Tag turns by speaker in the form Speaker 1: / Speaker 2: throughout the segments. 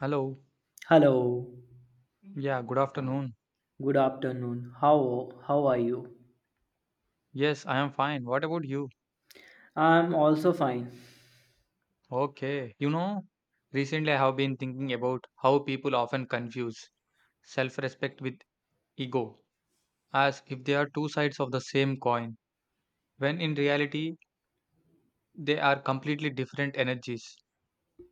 Speaker 1: Hello.
Speaker 2: Hello,
Speaker 1: Yeah, good afternoon.
Speaker 2: good afternoon. How are you?
Speaker 1: Yes, I am fine. What about you?
Speaker 2: I'm also fine.
Speaker 1: Okay. You know, recently I have been thinking about how people often confuse self respect with ego as if they are two sides of the same coin, when in reality, they are completely different energies.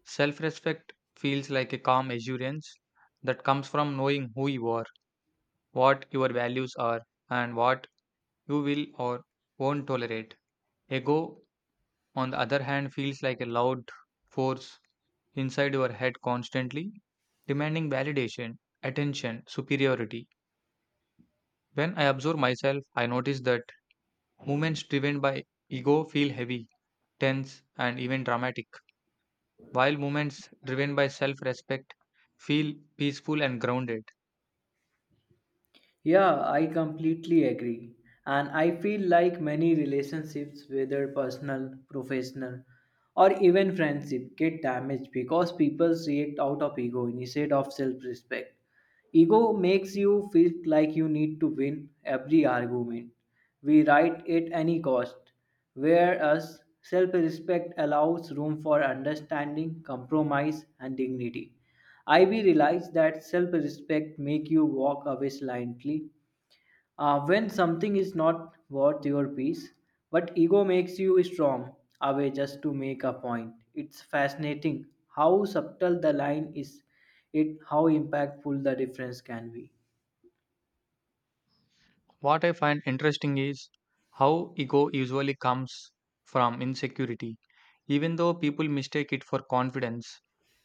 Speaker 1: Self respect feels like a calm assurance that comes from knowing who you are, what your values are, and what you will or won't tolerate. Ego, on the other hand, feels like a loud force inside your head constantly demanding validation, attention, superiority. When I observe myself, I notice that movements driven by ego feel heavy, tense, and even dramatic, while movements driven by self respect feel peaceful and grounded.
Speaker 2: Yeah, I completely agree. And I feel like many relationships, whether personal, professional, or even friendship, get damaged because people react out of ego instead of self-respect. Ego makes you feel like you need to win every argument. We write at any cost, whereas self respect allows room for understanding, compromise, and dignity. I realize that self respect make you walk away silently when something is not worth your peace, but ego makes you strong away just to make a point. It's fascinating how subtle the line is, it how impactful the difference can be.
Speaker 1: What I find interesting is how ego usually comes from insecurity, even though people mistake it for confidence.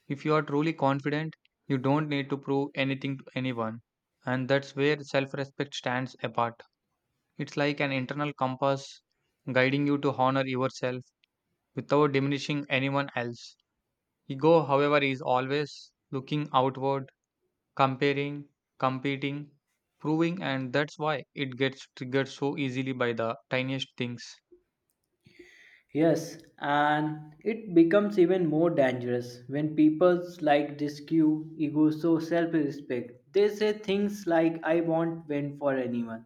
Speaker 1: If you are truly confident, you don't need to prove anything to anyone. And that's where self respect stands apart. It's like an internal compass guiding you to honor yourself without diminishing anyone else. Ego, however, is always looking outward, comparing, competing, proving, and that's why it gets triggered so easily by the tiniest things.
Speaker 2: Yes, and it becomes even more dangerous when people like discue ego so self-respect. They say things like I won't win for anyone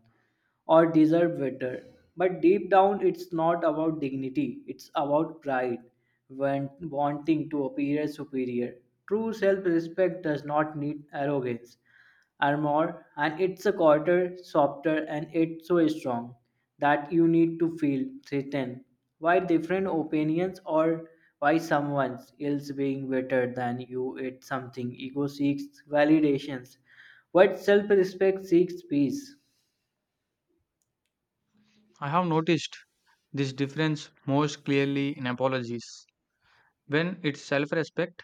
Speaker 2: or deserve better. But deep down it's not about dignity, it's about pride when wanting to appear superior. True self-respect does not need arrogance. Are more, and it's a quarter softer and it's so strong that you need to feel threatened why different opinions or why someone else being better than you at something ego seeks validations but self-respect seeks peace.
Speaker 1: I have noticed this difference most clearly in apologies. When it's self respect,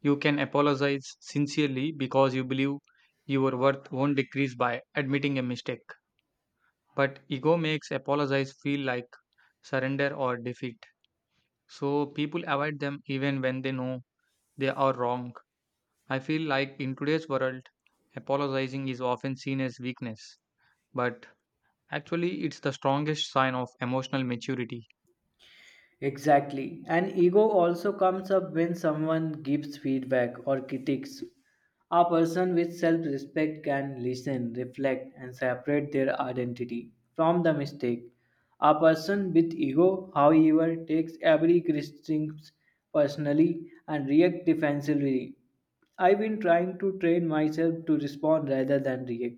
Speaker 1: you can apologize sincerely because you believe your worth won't decrease by admitting a mistake. But ego makes apologize feel like surrender or defeat. So people avoid them even when they know they are wrong. I feel like in today's world, apologizing is often seen as weakness, but actually, it's the strongest sign of emotional maturity.
Speaker 2: Exactly, and ego also comes up when someone gives feedback or critiques. A person with self respect can listen, reflect, and separate their identity from the mistake. A person with ego, however, takes every criticism personally and reacts defensively. I've been trying to train myself to respond rather than react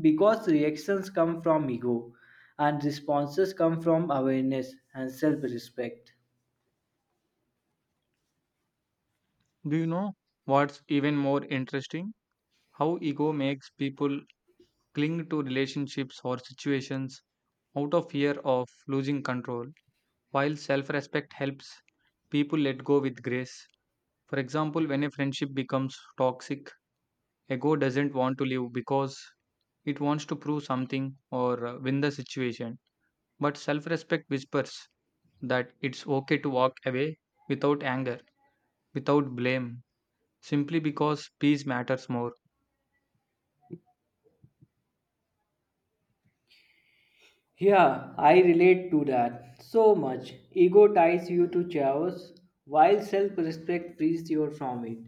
Speaker 2: because reactions come from ego and responses come from awareness and self respect.
Speaker 1: Do you know what's even more interesting? How ego makes people cling to relationships or situations out of fear of losing control, while self respect helps people let go with grace. For example, when a friendship becomes toxic, ego doesn't want to leave because it wants to prove something or win the situation. But self respect whispers that it's okay to walk away without anger, without blame, simply because peace matters more.
Speaker 2: Yeah, I relate to that so much. Ego ties you to chaos, while self respect frees you from it.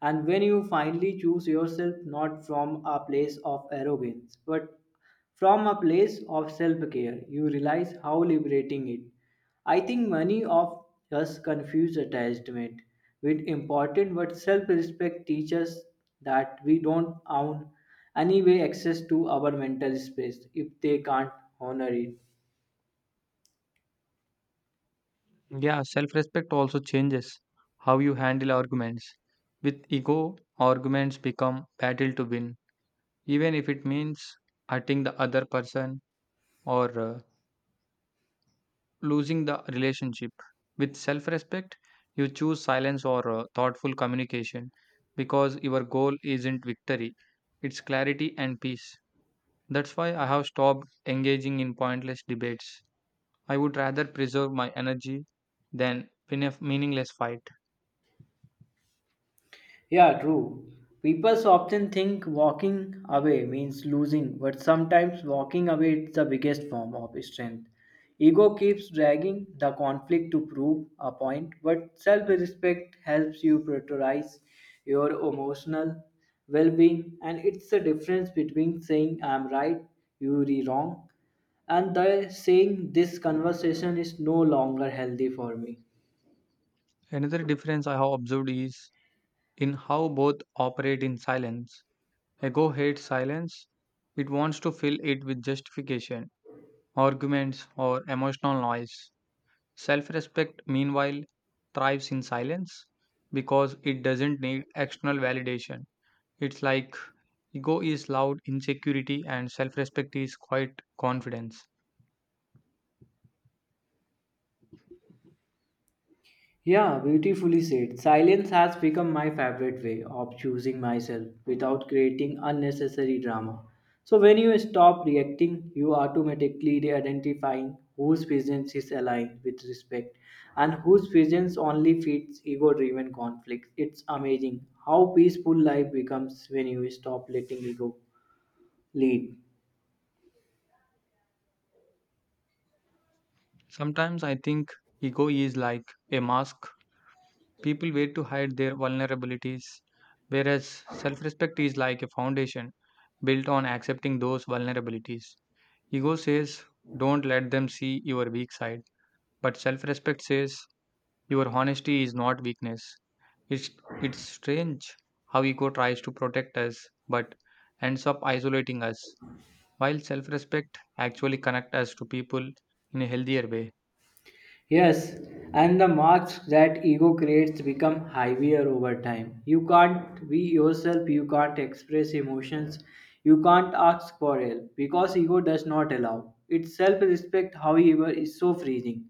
Speaker 2: And when you finally choose yourself not from a place of arrogance, but from a place of self care, you realize how liberating it. I think many of us confuse attachment with important, but self respect teaches that we don't own anyway access to our mental space if they can't honor it.
Speaker 1: Yeah, self respect also changes how you handle arguments. With ego, arguments become battle to win, even if it means hurting the other person or losing the relationship. With self respect, you choose silence or thoughtful communication because your goal isn't victory, it's clarity and peace. That's why I have stopped engaging in pointless debates. I would rather preserve my energy than win a meaningless fight.
Speaker 2: Yeah, true. People often think walking away means losing, but sometimes walking away is the biggest form of strength. Ego keeps dragging the conflict to prove a point, but self respect helps you prioritize your emotional well being, and it's the difference between saying I'm right, you're wrong, and the saying this conversation is no longer healthy for me.
Speaker 1: Another difference I have observed is in how both operate in silence. Ego hates silence, it wants to fill it with justification, arguments, or emotional noise. Self respect, meanwhile, thrives in silence because it doesn't need external validation. It's like ego is loud insecurity and self respect is quiet confidence.
Speaker 2: Yeah, beautifully said. Silence has become my favorite way of choosing myself without creating unnecessary drama. So when you stop reacting, you automatically identifying whose presence is aligned with respect and whose presence only feeds ego-driven conflicts. It's amazing how peaceful life becomes when you stop letting ego lead.
Speaker 1: Sometimes I think ego is like a mask people wait to hide their vulnerabilities, whereas self respect is like a foundation built on accepting those vulnerabilities. Ego says, don't let them see your weak side. But self respect says, your honesty is not weakness. It's, it's strange how ego tries to protect us but ends up isolating us, while self respect actually connects us to people in a healthier way.
Speaker 2: Yes, and the marks that ego creates become heavier over time. You can't be yourself, you can't express emotions, you can't ask for help because ego does not allow. Its self respect, however, is so freezing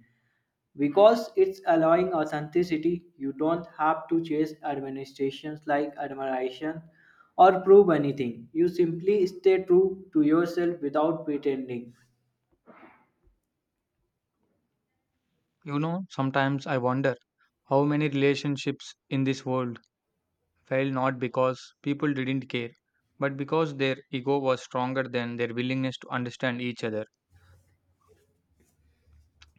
Speaker 2: because it's allowing authenticity. You don't have to chase administrations like admiration or prove anything. You simply stay true to yourself without pretending.
Speaker 1: You know, sometimes I wonder how many relationships in this world failed not because people didn't care, but because their ego was stronger than their willingness to understand each other.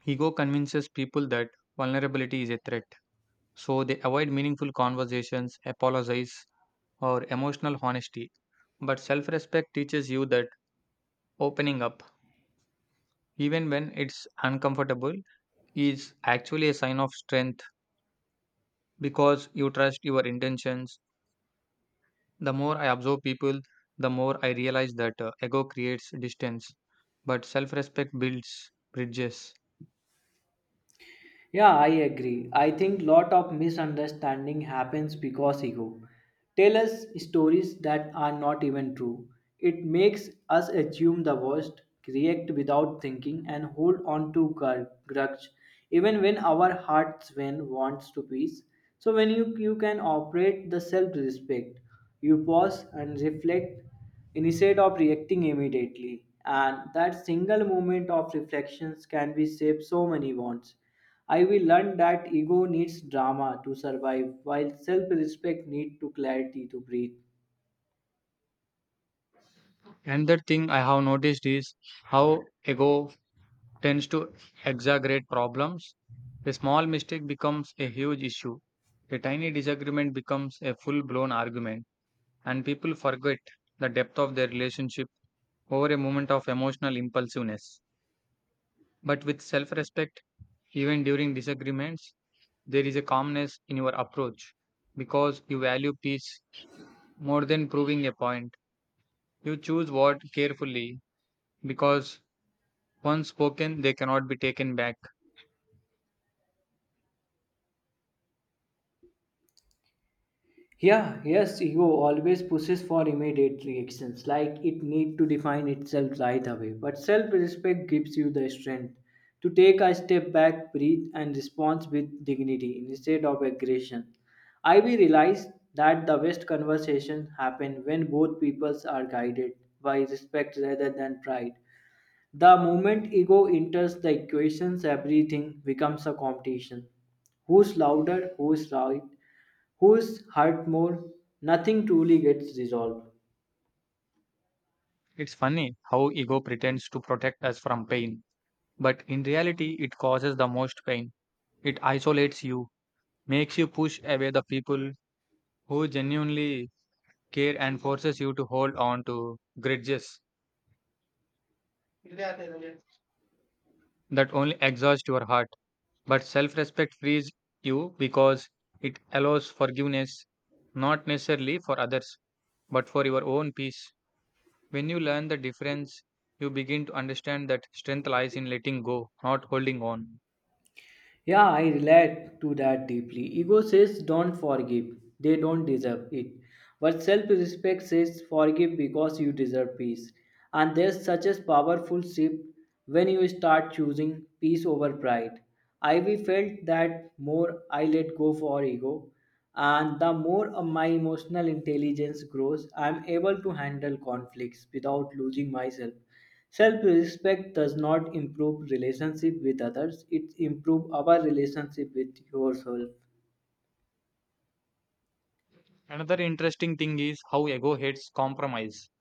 Speaker 1: Ego convinces people that vulnerability is a threat, so they avoid meaningful conversations, apologize, or emotional honesty. But self respect teaches you that opening up, even when it's uncomfortable, is actually a sign of strength because you trust your intentions. The more I observe people, the more I realize that ego creates distance, but self respect builds bridges.
Speaker 2: Yeah, I agree. I think lot of misunderstanding happens because ego tell us stories that are not even true. It makes us assume the worst, react without thinking, and hold on to grudge, even when our hearts when wants to peace. So when you can operate the self-respect, you pause and reflect instead of reacting immediately. And that single moment of reflections can be save so many wants. I will learn that ego needs drama to survive, while self respect needs to clarity to breathe.
Speaker 1: Another thing I have noticed is how ego tends to exaggerate problems. A small mistake becomes a huge issue, a tiny disagreement becomes a full blown argument, and people forget the depth of their relationship over a moment of emotional impulsiveness. But with self respect, even during disagreements, there is a calmness in your approach because you value peace more than proving a point. You choose words carefully because once spoken, they cannot be taken back.
Speaker 2: Yeah, yes, ego always pushes for immediate reactions, like it need to define itself right away. But self-respect gives you the strength to take a step back, breathe, and respond with dignity instead of aggression. I will realize that the best conversation happen when both peoples are guided by respect rather than pride. The moment ego enters the equations, everything becomes a competition. Who's louder? Who's right? Who's hurt more? Nothing truly gets resolved.
Speaker 1: It's funny how ego pretends to protect us from pain, but in reality, it causes the most pain. It isolates you, makes you push away the people who genuinely care, and forces you to hold on to grudges that only exhaust your heart. But self respect frees you because it allows forgiveness, not necessarily for others, but for your own peace. When you learn the difference, you begin to understand that strength lies in letting go, not holding on.
Speaker 2: Yeah, I relate to that deeply. Ego says don't forgive, they don't deserve it. But self respect says forgive because you deserve peace. And there's such a powerful shift when you start choosing peace over pride. I we felt that more I let go for ego, and the more of my emotional intelligence grows, I'm able to handle conflicts without losing myself. Self respect does not improve relationship with others, it improves our relationship with yourself.
Speaker 1: Another interesting thing is how ego hates compromise.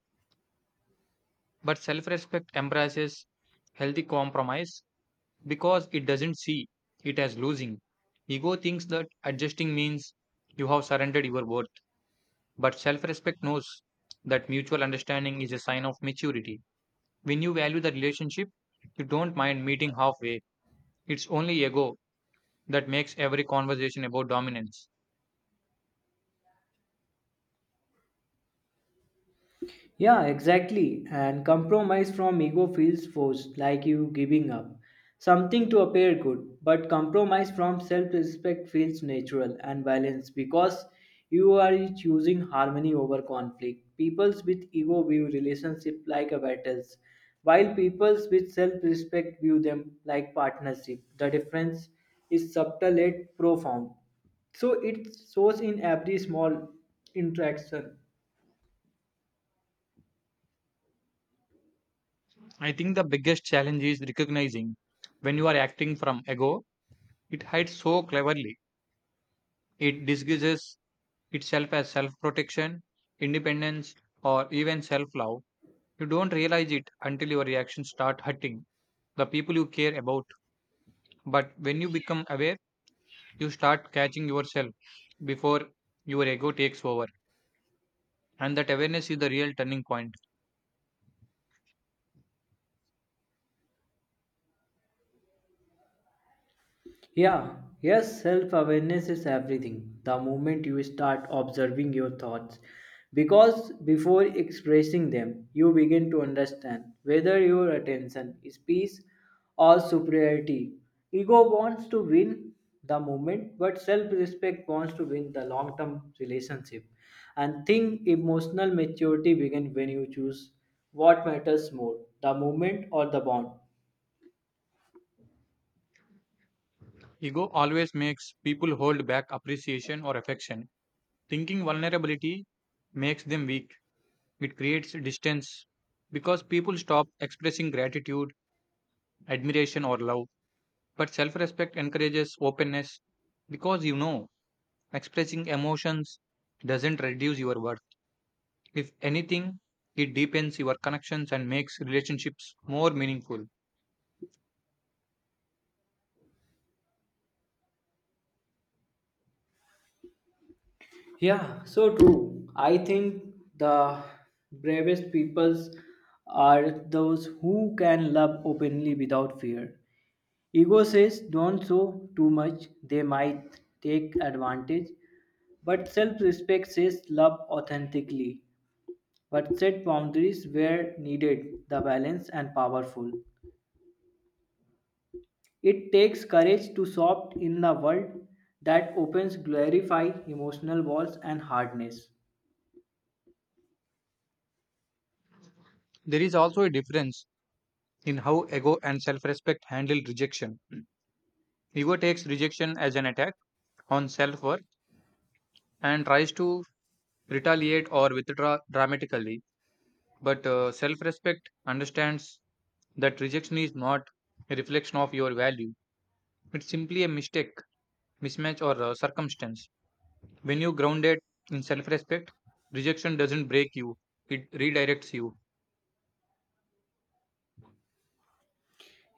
Speaker 1: But self respect embraces healthy compromise because it doesn't see it as losing. Ego thinks that adjusting means you have surrendered your worth. But self respect knows that mutual understanding is a sign of maturity. When you value the relationship, you don't mind meeting halfway. It's only ego that makes every conversation about dominance.
Speaker 2: Yeah, exactly. And compromise from ego feels forced, like you giving up something to appear good. But compromise from self respect feels natural and balanced because you are choosing harmony over conflict. Peoples with ego view relationship like a battles, while peoples with self respect view them like partnership. The difference is subtle yet profound. So it shows in every small interaction.
Speaker 1: I think the biggest challenge is recognizing when you are acting from ego, it hides so cleverly. It disguises itself as self protection, independence, or even self love. You don't realize it until your reactions start hurting the people you care about. But when you become aware, you start catching yourself before your ego takes over. And that awareness is the real turning point.
Speaker 2: Yeah, yes, self awareness is everything. The moment you start observing your thoughts, because before expressing them, you begin to understand whether your attention is peace or superiority. Ego wants to win the moment, but self respect wants to win the long term relationship. And think emotional maturity begins when you choose what matters more, the moment or the bond.
Speaker 1: Ego always makes people hold back appreciation or affection, thinking vulnerability makes them weak. It creates distance because people stop expressing gratitude, admiration, or love. But self respect encourages openness because you know expressing emotions doesn't reduce your worth. If anything, it deepens your connections and makes relationships more meaningful.
Speaker 2: Yeah, so true. I think the bravest peoples are those who can love openly without fear. Ego says don't show too much, they might take advantage. But self respect says love authentically, but set boundaries where needed, the balance and powerful. It takes courage to soft in the world that opens glorify emotional walls and hardness.
Speaker 1: There is also a difference in how ego and self respect handle rejection. Ego takes rejection as an attack on self worth and tries to retaliate or withdraw dramatically. But self respect understands that rejection is not a reflection of your value, it's simply a mistake, mismatch, or circumstance. When you ground it in self respect, rejection doesn't break you, it redirects you.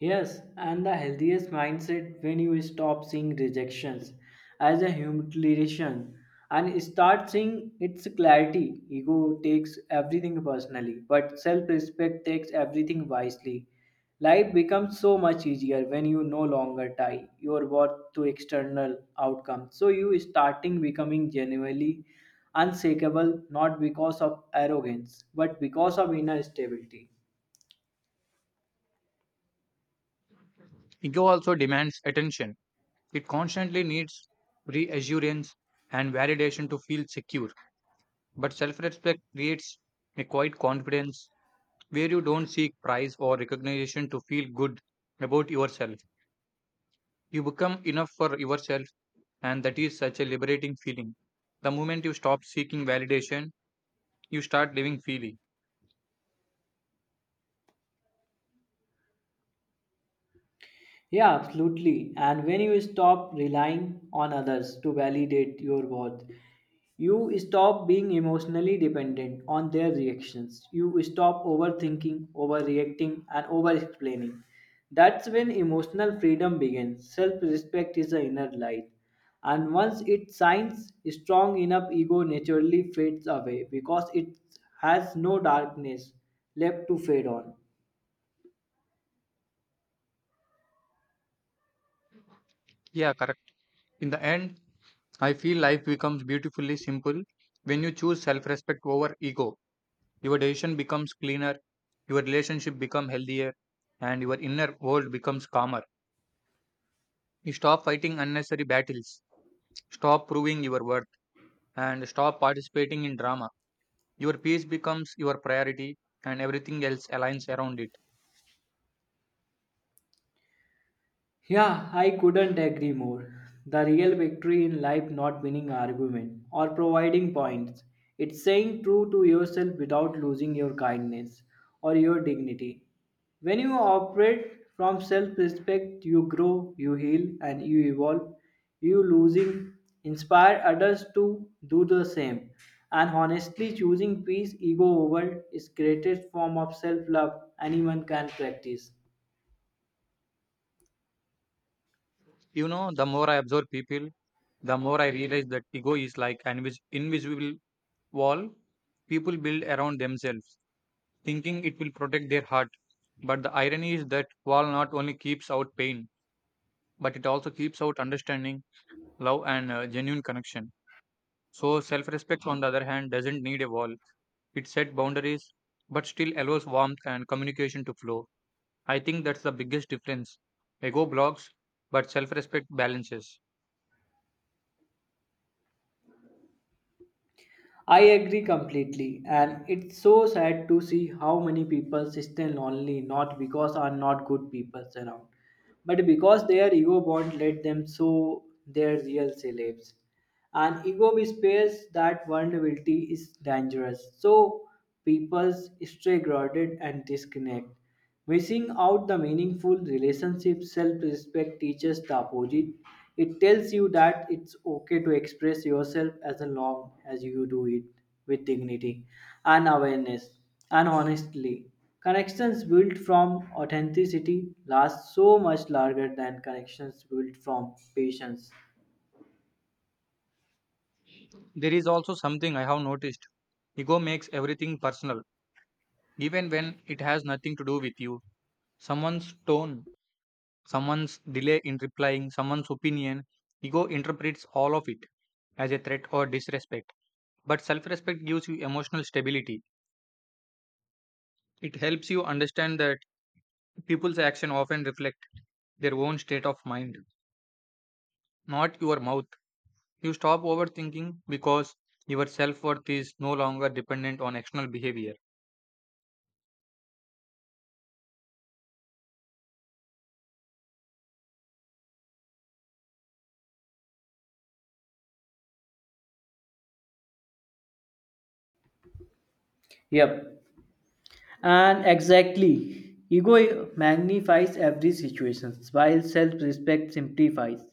Speaker 2: Yes, and the healthiest mindset when you stop seeing rejections as a humiliation and start seeing its clarity. Ego takes everything personally, but self respect takes everything wisely. Life becomes so much easier when you no longer tie your worth to external outcomes. So you starting becoming genuinely unshakable not because of arrogance but because of inner stability.
Speaker 1: Ego also demands attention. It constantly needs reassurance and validation to feel secure. But self respect creates a quiet confidence where you don't seek praise or recognition to feel good about yourself. You become enough for yourself, and that is such a liberating feeling. The moment you stop seeking validation, you start living freely.
Speaker 2: Yeah, absolutely. And when you stop relying on others to validate your worth, you stop being emotionally dependent on their reactions. You stop overthinking, overreacting, and over explaining. That's when emotional freedom begins. Self respect is the inner light. And once it shines strong enough, ego naturally fades away because it has no darkness left to fade on.
Speaker 1: Yeah, correct. In the end, I feel life becomes beautifully simple when you choose self respect over ego. Your decision becomes cleaner, your relationship become healthier, and your inner world becomes calmer. You stop fighting unnecessary battles, stop proving your worth, and stop participating in drama. Your peace becomes your priority, and everything else aligns around it.
Speaker 2: Yeah, I couldn't agree more. The real victory in life not winning argument or providing points. It's saying true to yourself without losing your kindness or your dignity. When you operate from self-respect, you grow, you heal and you evolve. You losing inspire others to do the same. And honestly choosing peace ego over is greatest form of self-love anyone can practice.
Speaker 1: You know, the more I observe people, the more I realize that ego is like an invisible wall people build around themselves, thinking it will protect their heart. But the irony is that wall not only keeps out pain, but it also keeps out understanding, love, and genuine connection. So, self respect, on the other hand, doesn't need a wall. It set boundaries, but still allows warmth and communication to flow. I think that's the biggest difference. Ego blocks, but self respect balances.
Speaker 2: I agree completely, and it's so sad to see how many people stay lonely not because are not good people around, but because their ego bond let them show their real selves. And ego spares that vulnerability is dangerous. So people stay guarded and disconnect. Missing out the meaningful relationship self-respect teaches the opposite. It tells you that it's okay to express yourself as long as you do it with dignity and awareness and honestly. Connections built from authenticity last so much longer than connections built from patience.
Speaker 1: There is also something I have noticed. Ego makes everything personal, even when it has nothing to do with you. Someone's tone, someone's delay in replying, someone's opinion, ego interprets all of it as a threat or disrespect. But self respect gives you emotional stability. It helps you understand that people's action often reflect their own state of mind, not your mouth. You stop overthinking because your self worth is no longer dependent on external behavior.
Speaker 2: Yep. And exactly, ego magnifies every situation, while self respect simplifies.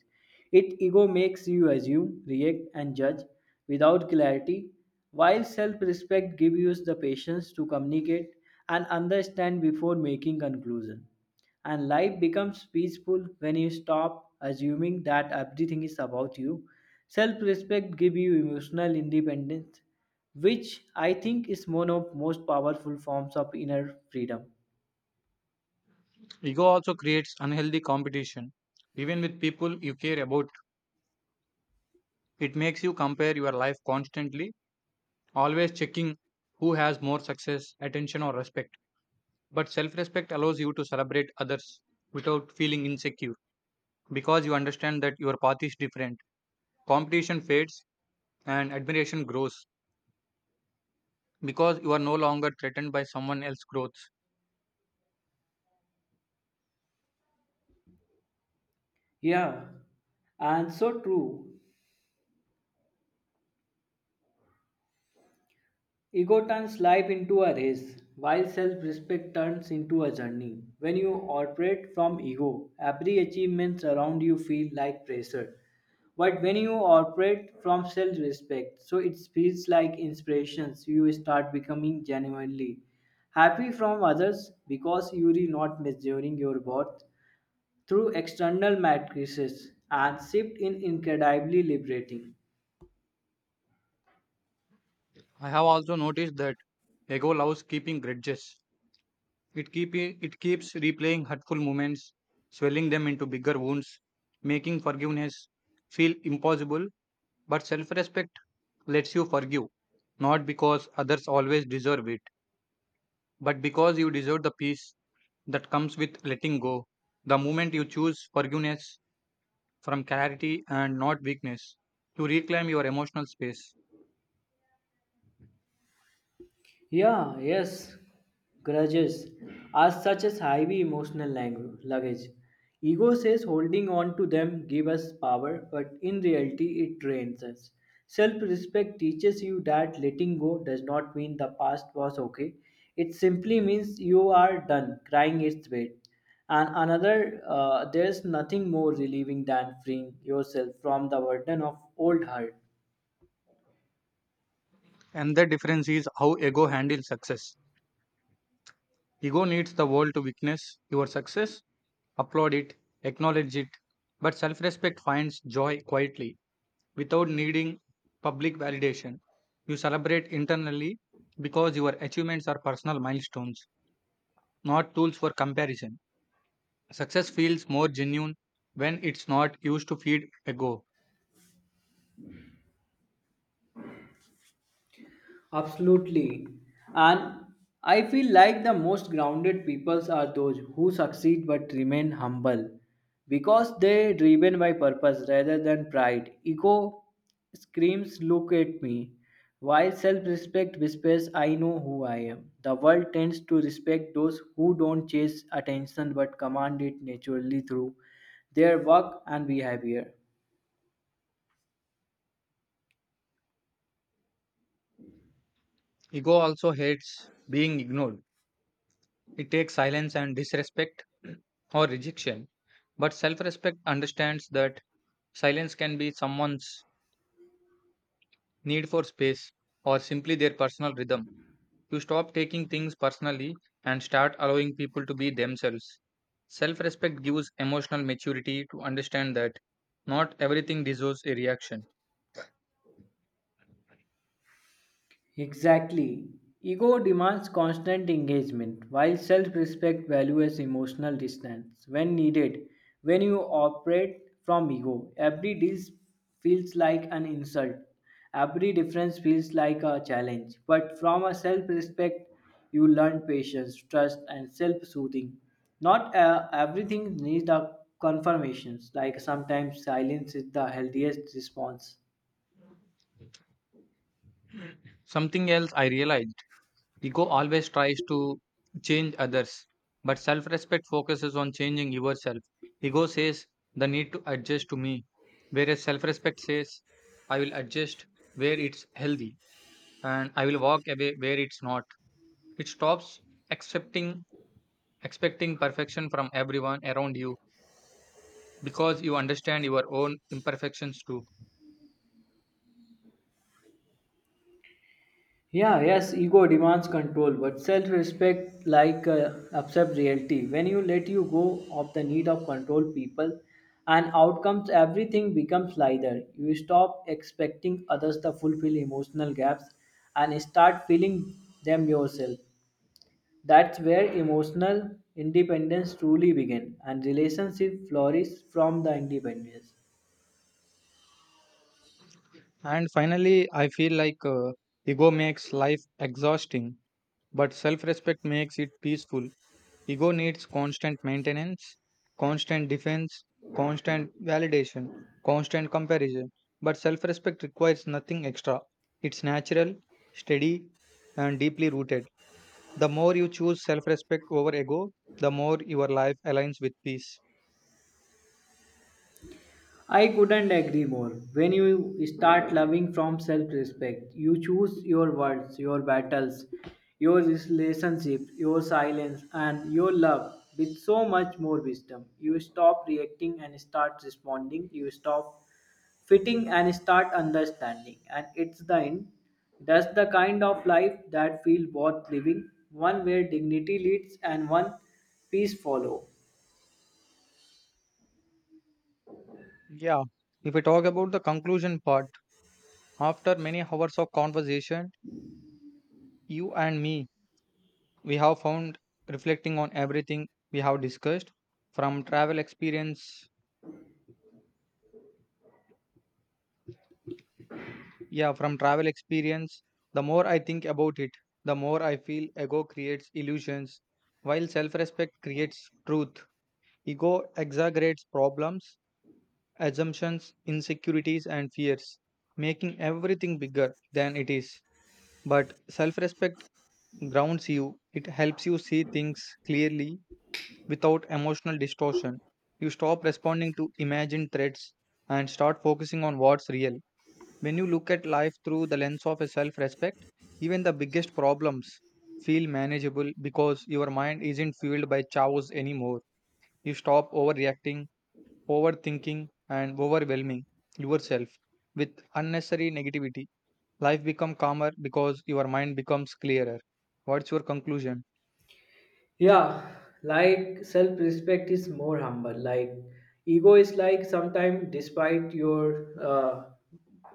Speaker 2: It ego makes you assume, react, and judge without clarity, while self respect gives you the patience to communicate and understand before making conclusion. And life becomes peaceful when you stop assuming that everything is about you. Self respect gives you emotional independence which I think is one of most powerful forms of inner freedom.
Speaker 1: Ego also creates unhealthy competition. Even with people you care about, it makes you compare your life constantly, always checking who has more success, attention, or respect. But self respect allows you to celebrate others without feeling insecure, because you understand that your path is different. Competition fades and admiration grows because you are no longer threatened by someone else's growth.
Speaker 2: Yeah, and so true. Ego turns life into a race, while self respect turns into a journey. When you operate from ego, every achievement around you feels like pressure. But when you operate from self respect, so it feels like inspirations, you start becoming genuinely happy from others because you are not measuring your worth through external matrices and shift in incredibly liberating.
Speaker 1: I have also noticed that ego loves keeping grudges. It keeps replaying hurtful moments, swelling them into bigger wounds, making forgiveness feel impossible. But self-respect lets you forgive, not because others always deserve it, but because you deserve the peace that comes with letting go. The moment you choose forgiveness, from clarity and not weakness, to reclaim your emotional space.
Speaker 2: Yeah, yes, grudges are such as heavy emotional luggage. Ego says holding on to them give us power, but in reality it drains us. Self-respect teaches you that letting go does not mean the past was okay. It simply means you are done crying its weight. And another, there's nothing more relieving than freeing yourself from the burden of old hurt.
Speaker 1: And the difference is how ego handles success. Ego needs the world to witness your success, applaud it, acknowledge it. But self respect finds joy quietly without needing public validation. You celebrate internally because your achievements are personal milestones, not tools for comparison. Success feels more genuine when it's not used to feed ego.
Speaker 2: Absolutely. And I feel like the most grounded peoples are those who succeed but remain humble because they're driven by purpose rather than pride. Ego screams, Look at me. While self respect whispers, I know who I am. The world tends to respect those who don't chase attention but command it naturally through their work and behavior.
Speaker 1: Ego also hates being ignored. It takes silence and disrespect or rejection. But self respect understands that silence can be someone's need for space or simply their personal rhythm. You stop taking things personally and start allowing people to be themselves. Self respect gives emotional maturity to understand that not everything deserves a reaction.
Speaker 2: Exactly. Ego demands constant engagement, while self respect values emotional distance when needed. When you operate from ego, every deal feels like an insult, every difference feels like a challenge. But from a self respect, you learn patience, trust, and self soothing. Not everything needs a confirmation. Like sometimes silence is the healthiest response.
Speaker 1: Something else I realized: ego always tries to change others, but self respect focuses on changing yourself. Ego says, the need to adjust to me, whereas self respect says, I will adjust where it's healthy and I will walk away where it's not. It stops accepting expecting perfection from everyone around you because you understand your own imperfections too.
Speaker 2: Yeah, yes, ego demands control, but self respect like accept reality. When you let you go of the need of control people and outcomes, everything becomes lighter. You stop expecting others to fulfill emotional gaps and start filling them yourself. That's where emotional independence truly begins and relationship flourish from the independence.
Speaker 1: And finally, I feel like ego makes life exhausting, but self respect makes it peaceful. Ego needs constant maintenance, constant defense, constant validation, constant comparison. But self respect requires nothing extra. It's natural, steady, and deeply rooted. The more you choose self respect over ego, the more your life aligns with peace.
Speaker 2: I couldn't agree more. When you start loving from self respect, you choose your words, your battles, your relationship, your silence, and your love with so much more wisdom. You stop reacting and start responding. You stop fitting and start understanding. And it's the end. That's the kind of life that feels worth living, one where dignity leads and one peace follow.
Speaker 1: Yeah. If we talk about the conclusion part, after many hours of conversation, you and me, we have found reflecting on everything we have discussed from travel experience. Yeah, from travel experience, the more I think about it, the more I feel ego creates illusions, while self respect creates truth. Ego exaggerates problems, assumptions, insecurities, and fears, making everything bigger than it is. But self respect grounds you, it helps you see things clearly without emotional distortion. You stop responding to imagined threats and start focusing on what's real. When you look at life through the lens of a self respect, even the biggest problems feel manageable because your mind isn't fueled by chaos anymore. You stop overreacting, overthinking, and overwhelming yourself with unnecessary negativity. Life becomes calmer because your mind becomes clearer. What's your conclusion?
Speaker 2: Yeah, like self respect is more humble, like ego is like sometimes despite your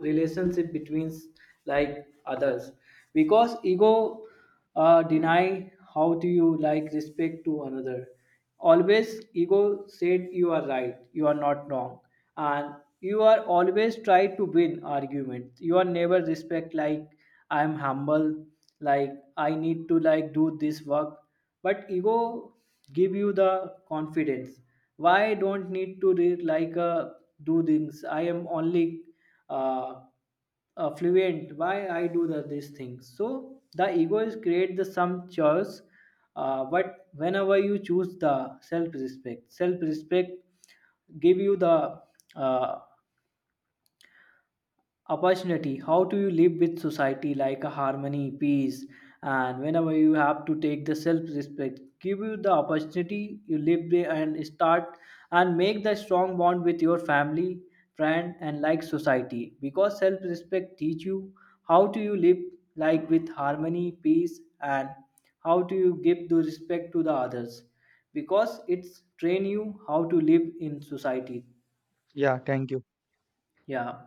Speaker 2: relationship between like others, because ego deny how do you like respect to another. Always ego said you are right, you are not wrong, and you are always try to win argument, you are never respect like I am humble, like I need to like do this work. But ego give you the confidence why don't need to read like do things, I am only uh, fluent why I do these things. So the ego is create the some choice. Uh, but whenever you choose the self respect give you the uh, opportunity how do you live with society like a harmony peace. And whenever you have to take the self-respect give you the opportunity you live there and start and make the strong bond with your family, friend and like society, because self-respect teach you how do you live like with harmony peace and how do you give the respect to the others, because it's train you how to live in society.
Speaker 1: Yeah, thank you.
Speaker 2: Yeah.